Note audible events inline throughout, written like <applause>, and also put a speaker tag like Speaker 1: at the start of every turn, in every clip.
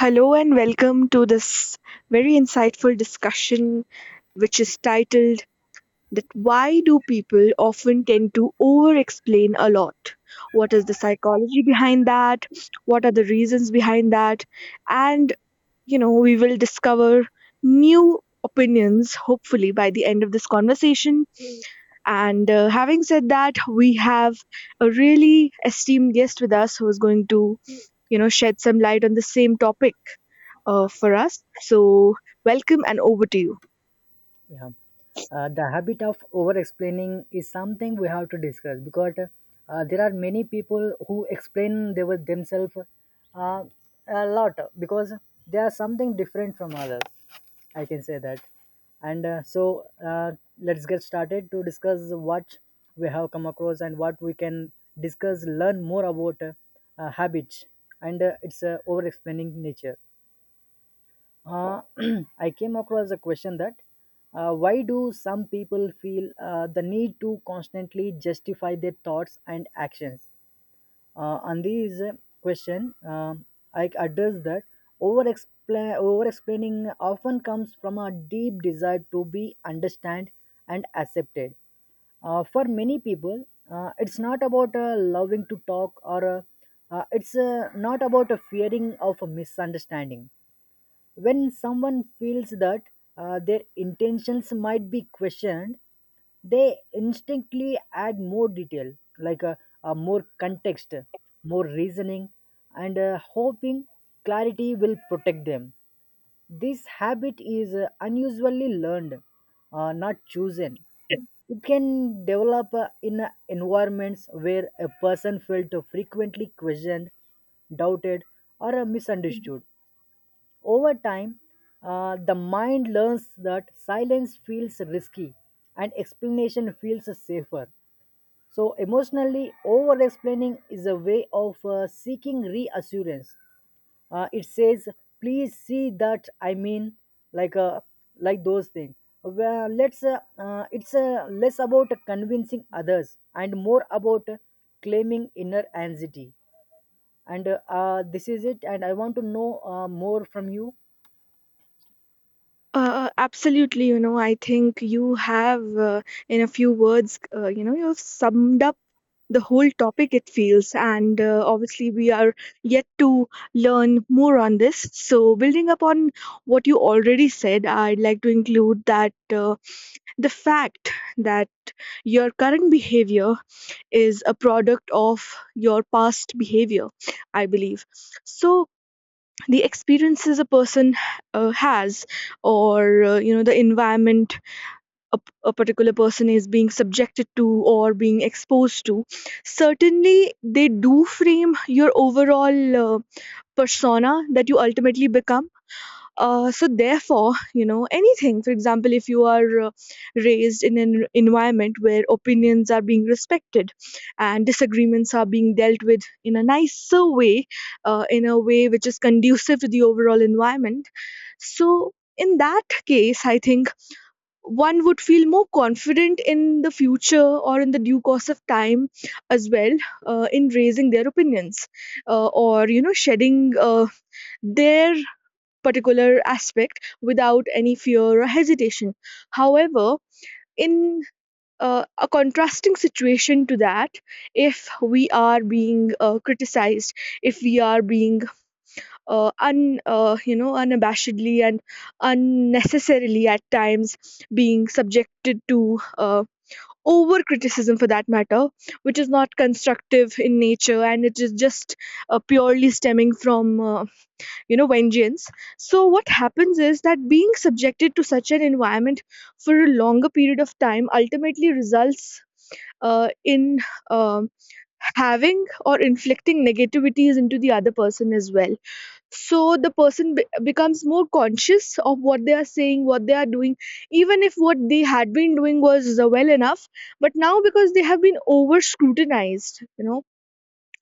Speaker 1: Hello and welcome to this very insightful discussion, which is titled that why do people often tend to over explain a lot? What is the psychology behind that? What are the reasons behind that? And you know, we will discover new opinions hopefully by the end of this conversation. And having said that, we have a really esteemed guest with us who is going to, you know, shed some light on the same topic for us. So, welcome and over to you.
Speaker 2: Yeah. The habit of over explaining is something we have to discuss because there are many people who explain they were themselves uh, a lot because they are something different from others. I can say that. And so, let's get started to discuss what we have come across and what we can discuss, learn more about habits and its over explaining nature. Uh, <clears throat> I came across a question that why do some people feel the need to constantly justify their thoughts and actions? On this question, I address that over over explaining often comes from a deep desire to be understood and accepted. For many people, it's not about loving to talk or it's not about a fearing of a misunderstanding. When someone feels that their intentions might be questioned, they instantly add more detail, like a more context, more reasoning, and hoping clarity will protect them. This habit is unusually learned, not chosen. It can develop in environments where a person felt frequently questioned, doubted, or misunderstood. Over time, the mind learns that silence feels risky, and explanation feels safer. So, emotionally, over explaining is a way of seeking reassurance. It says, "Please see that I mean, like, uh, like those things." Well, let's, it's less about convincing others and more about claiming inner anxiety. And this is it, and I want to know more from you.
Speaker 1: Absolutely, you know, I think you have, in a few words, you know, you've summed up the whole topic, it feels. And obviously, we are yet to learn more on this. So, building upon what you already said, I'd like to include that the fact that your current behavior is a product of your past behavior, I believe. So the experiences a person has, or you know, the environment a particular person is being subjected to or being exposed to, certainly they do frame your overall persona that you ultimately become, so therefore, you know, anything, for example, if you are raised in an environment where opinions are being respected and disagreements are being dealt with in a nicer way, in a way which is conducive to the overall environment. So in that case, I think one would feel more confident in the future or in the due course of time as well, in raising their opinions or you know shedding their particular aspect without any fear or hesitation. However, in a contrasting situation to that, if we are being criticized, if we are being you know, unabashedly and unnecessarily at times being subjected to over criticism for that matter, which is not constructive in nature and it is just purely stemming from, you know, vengeance. So what happens is that being subjected to such an environment for a longer period of time ultimately results in um, having or inflicting negativities into the other person as well. So the becomes more conscious of what they are saying, what they are doing, even if what they had been doing was well enough, but now because they have been over scrutinized, you know,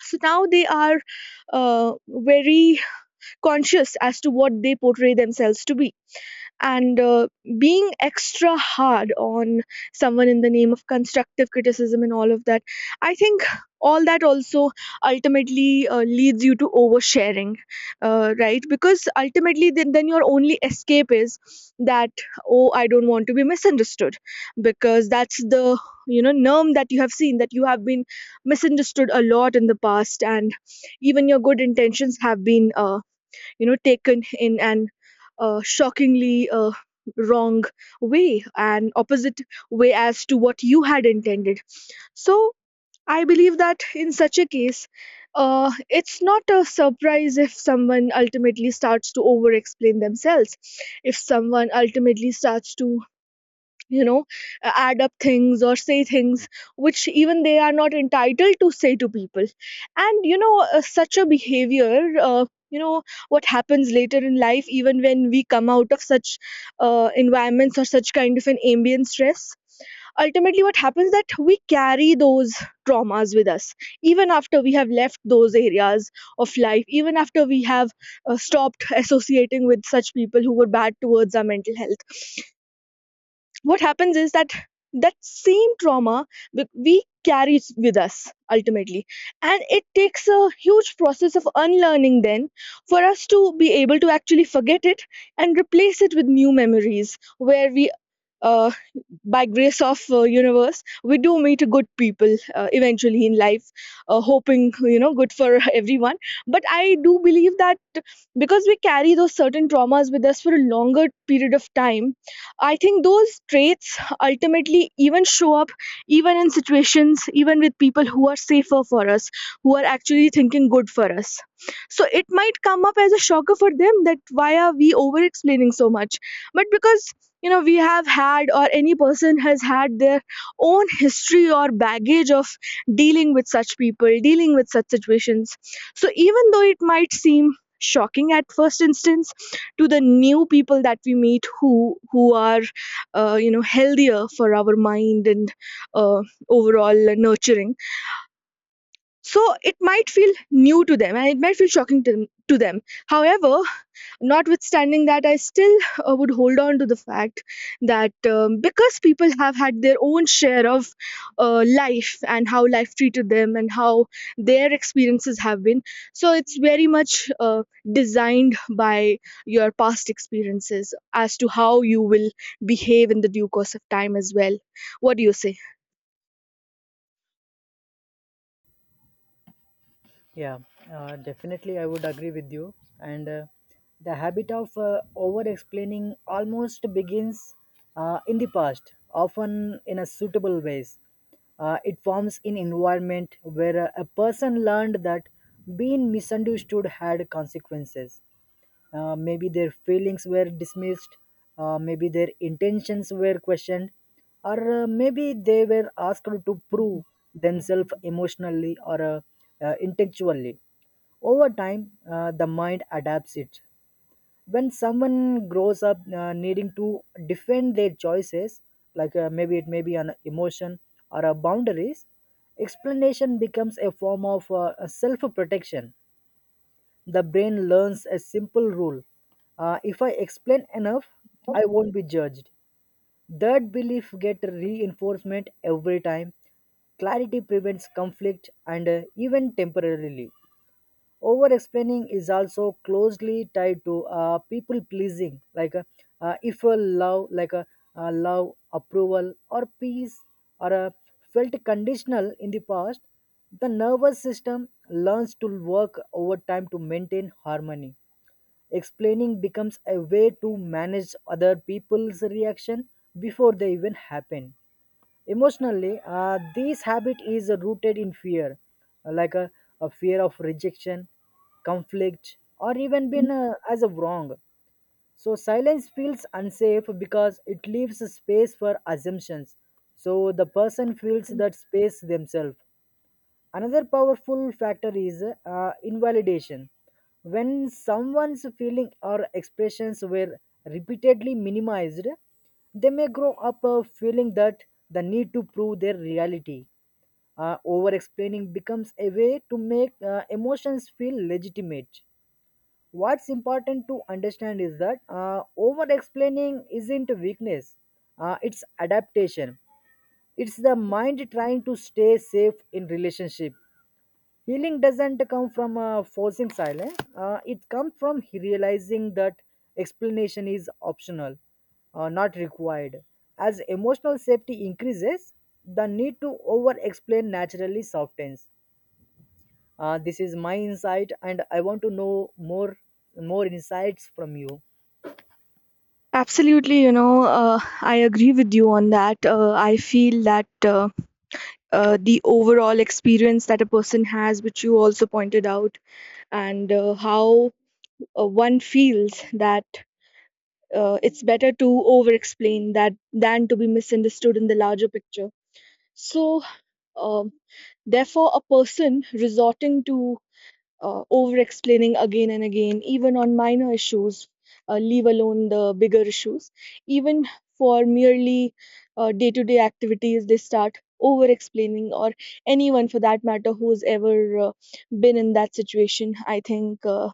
Speaker 1: so now they are uh, very conscious as to what they portray themselves to be. And Being extra hard on someone in the name of constructive criticism and all of that, I think all that also ultimately leads you to oversharing, right? Because ultimately then your only escape is that, oh, I don't want to be misunderstood, because that's the, you know, norm that you have seen, that you have been misunderstood a lot in the past, and even your good intentions have been you know, taken in an shockingly wrong way, an opposite way as to what you had intended. So I believe that in such a case, it's not a surprise if someone ultimately starts to over explain themselves, if someone ultimately starts to, you know, add up things or say things which even they are not entitled to say to people. And you know, such a behavior, you know, what happens later in life even when we come out of such environments or such kind of an ambient stress, ultimately what happens that we carry those traumas with us even after we have left those areas of life, even after we have stopped associating with such people who were bad towards our mental health. What happens is that that same trauma we carry it with us ultimately, and it takes a huge process of unlearning then for us to be able to actually forget it and replace it with new memories where we, uh, by grace of universe, we do meet good people eventually in life, hoping you know good for <laughs> everyone. But I do believe that because we carry those certain traumas with us for a longer period of time, I think those traits ultimately even show up even in situations, even with people who are safer for us, who are actually thinking good for us. So it might come up as a shocker for them that why are we over explaining so much. But because, you know, we have had, or any person has had, their own history or baggage of dealing with such people, dealing with such situations, so even though it might seem shocking at first instance to the new people that we meet, who are, you know, healthier for our mind and uh, overall nurturing, so it might feel new to them, and it might feel shocking to them. However, notwithstanding that, I still would hold on to the fact that, because people have had their own share of life and how life treated them and how their experiences have been, so it's very much designed by your past experiences as to how you will behave in the due course of time as well. What do you say?
Speaker 2: Yeah, definitely, I would agree with you. And the habit of over explaining almost begins in the past, often in a suitable ways. It forms in environment where a person learned that being misunderstood had consequences. Maybe their feelings were dismissed, maybe their intentions were questioned, or maybe they were asked to prove themselves emotionally or intellectually. Over time, the mind adapts it. When someone grows up needing to defend their choices, like maybe it may be an emotion or a boundaries, explanation becomes a form of self protection. The brain learns a simple rule: if I explain enough, I won't be judged. That belief gets reinforcement every time. Clarity prevents conflict and even temporarily. Over explaining is also closely tied to people pleasing, like if a love like a love, approval, or peace or a felt conditional in the past, the nervous system learns to work over time to maintain harmony. Explaining becomes a way to manage other people's reaction before they even happen. Emotionally, this habit is rooted in fear, like a fear of rejection, conflict, or even being as a wrong. So silence feels unsafe because it leaves a space for assumptions. So the person feels that space themselves. Another powerful factor is invalidation. When someone's feeling or expressions were repeatedly minimized, they may grow up feeling that the need to prove their reality. Over explaining becomes a way to make emotions feel legitimate. What's important to understand is that over explaining isn't weakness, it's adaptation. It's the mind trying to stay safe in relationship. Healing doesn't come from forcing silence, it comes from realizing that explanation is optional, not required. As emotional safety increases, the need to over explain naturally softens. This is my insight, and I want to know more insights from you.
Speaker 1: Absolutely, you know, I agree with you on that. I feel that. The overall experience that a person has, which you also pointed out, and how one feels that it's better to over explain that than to be misunderstood in the larger picture. So, um therefore, a person resorting to over explaining again and again, even on minor issues, leave alone the bigger issues. Even for merely day to day activities, they start over explaining, or anyone for that matter who's ever been in that situation. I think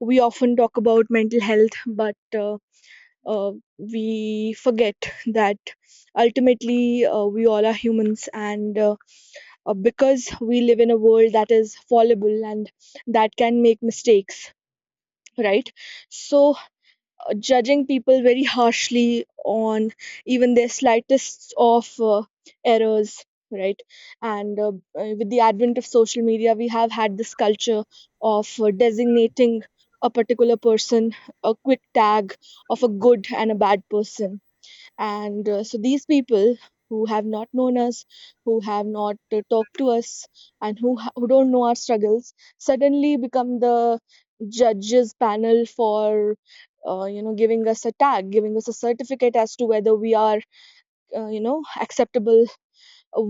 Speaker 1: we often talk about mental health, but uh, we forget that ultimately we all are humans, and because we live in a world that is fallible and that can make mistakes, right? So judging people very harshly on even their slightest of errors, right? and With the advent of social media, we have had this culture of designating a particular person a quick tag of a good and a bad person. And So these people who have not known us, who have not talked to us, and who don't know our struggles suddenly become the judges panel for, you know, giving us a tag, giving us a certificate as to whether we are you know acceptable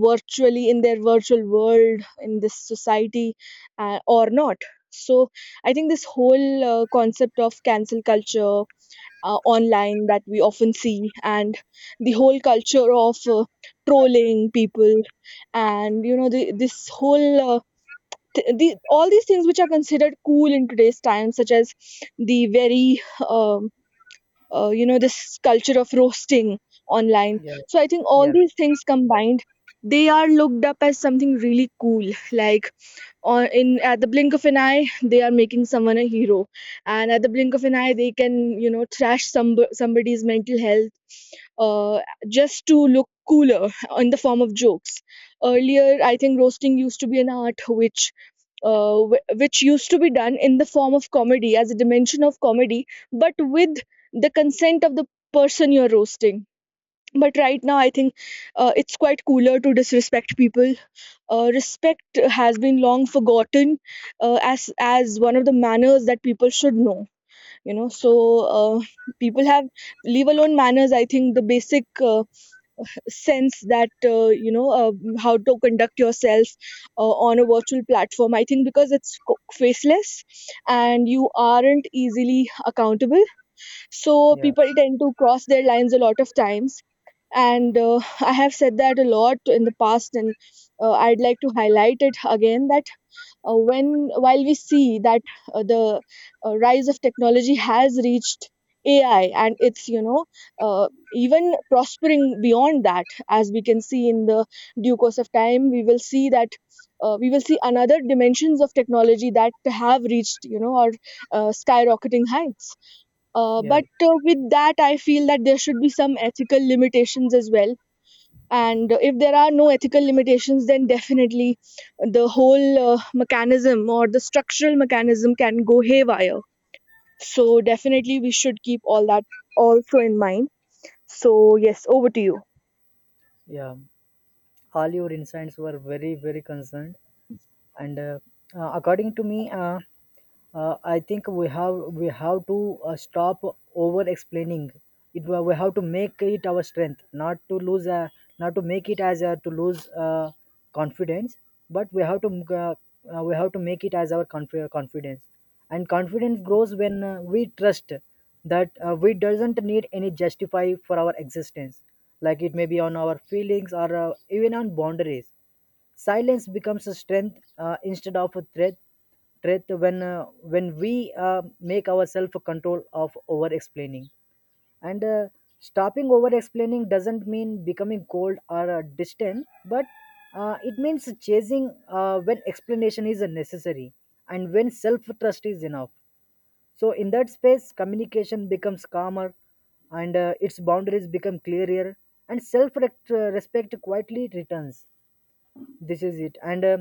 Speaker 1: virtually in their virtual world, in this society, or not. So I think this whole concept of cancel culture online that we often see, and the whole culture of trolling people, and you know this whole all these things which are considered cool in today's time, such as the very um, you know this culture of roasting online.
Speaker 2: Yeah,
Speaker 1: So I think all
Speaker 2: yeah,
Speaker 1: these things combined, they are looked up as something really cool, like, or in at the blink of an eye they are making someone a hero, and at the blink of an eye they can, you know, trash somebody's mental health, uh, just to look cooler in the form of jokes. Earlier I think roasting used to be an art which which used to be done in the form of comedy, as a dimension of comedy, but with the consent of the person you're roasting. But right now I think it's quite cooler to disrespect people. Respect has been long forgotten as one of the manners that people should know. You know, so, uh, people have, leave alone manners. I think the basic uh, sense that, you know, how to conduct yourself on a virtual platform. I think because it's faceless and you aren't easily accountable, so
Speaker 2: yeah,
Speaker 1: people tend to cross their lines a lot of times. And I have said that a lot in the past, and I'd like to highlight it again that, when while we see that the rise of technology has reached AI, and it's you know uh, even prospering beyond that, as we can see in the due course of time, we will see that we will see another dimensions of technology that have reached, you know, or skyrocketing heights. uh,
Speaker 2: yeah,
Speaker 1: but uh, with that, I feel that there should be some ethical limitations as well. And if there are no ethical limitations, then definitely the whole mechanism or the structural mechanism can go haywire. So definitely we should keep all that also in mind. So yes, over to you.
Speaker 2: yeah. All your insights were very, very concerned. And according to me, I think we have to stop over explaining. We have to make it our strength, not to lose not to make it as to lose confidence, but uh, we have to make it as our confidence. And confidence grows when we trust that we doesn't need any justify for our existence, like it may be on our feelings or even on boundaries. Silence becomes a strength instead of a threat when we make ourselves a control of over explaining. And stopping over explaining doesn't mean becoming cold or distant, but it means chasing when explanation is necessary and when self trust is enough. So in that space, communication becomes calmer, and its boundaries become clearer, and self respect quietly returns. This is it, and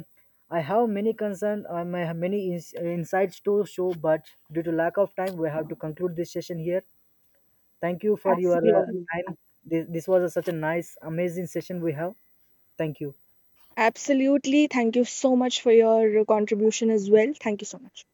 Speaker 2: I have many concerns. I have many insights to show, but due to lack of time, we have to conclude this session here. Thank you for your
Speaker 1: Absolutely.
Speaker 2: time. This was such a nice amazing session we have. Thank you.
Speaker 1: Absolutely, thank you so much for your contribution as well. Thank you so much.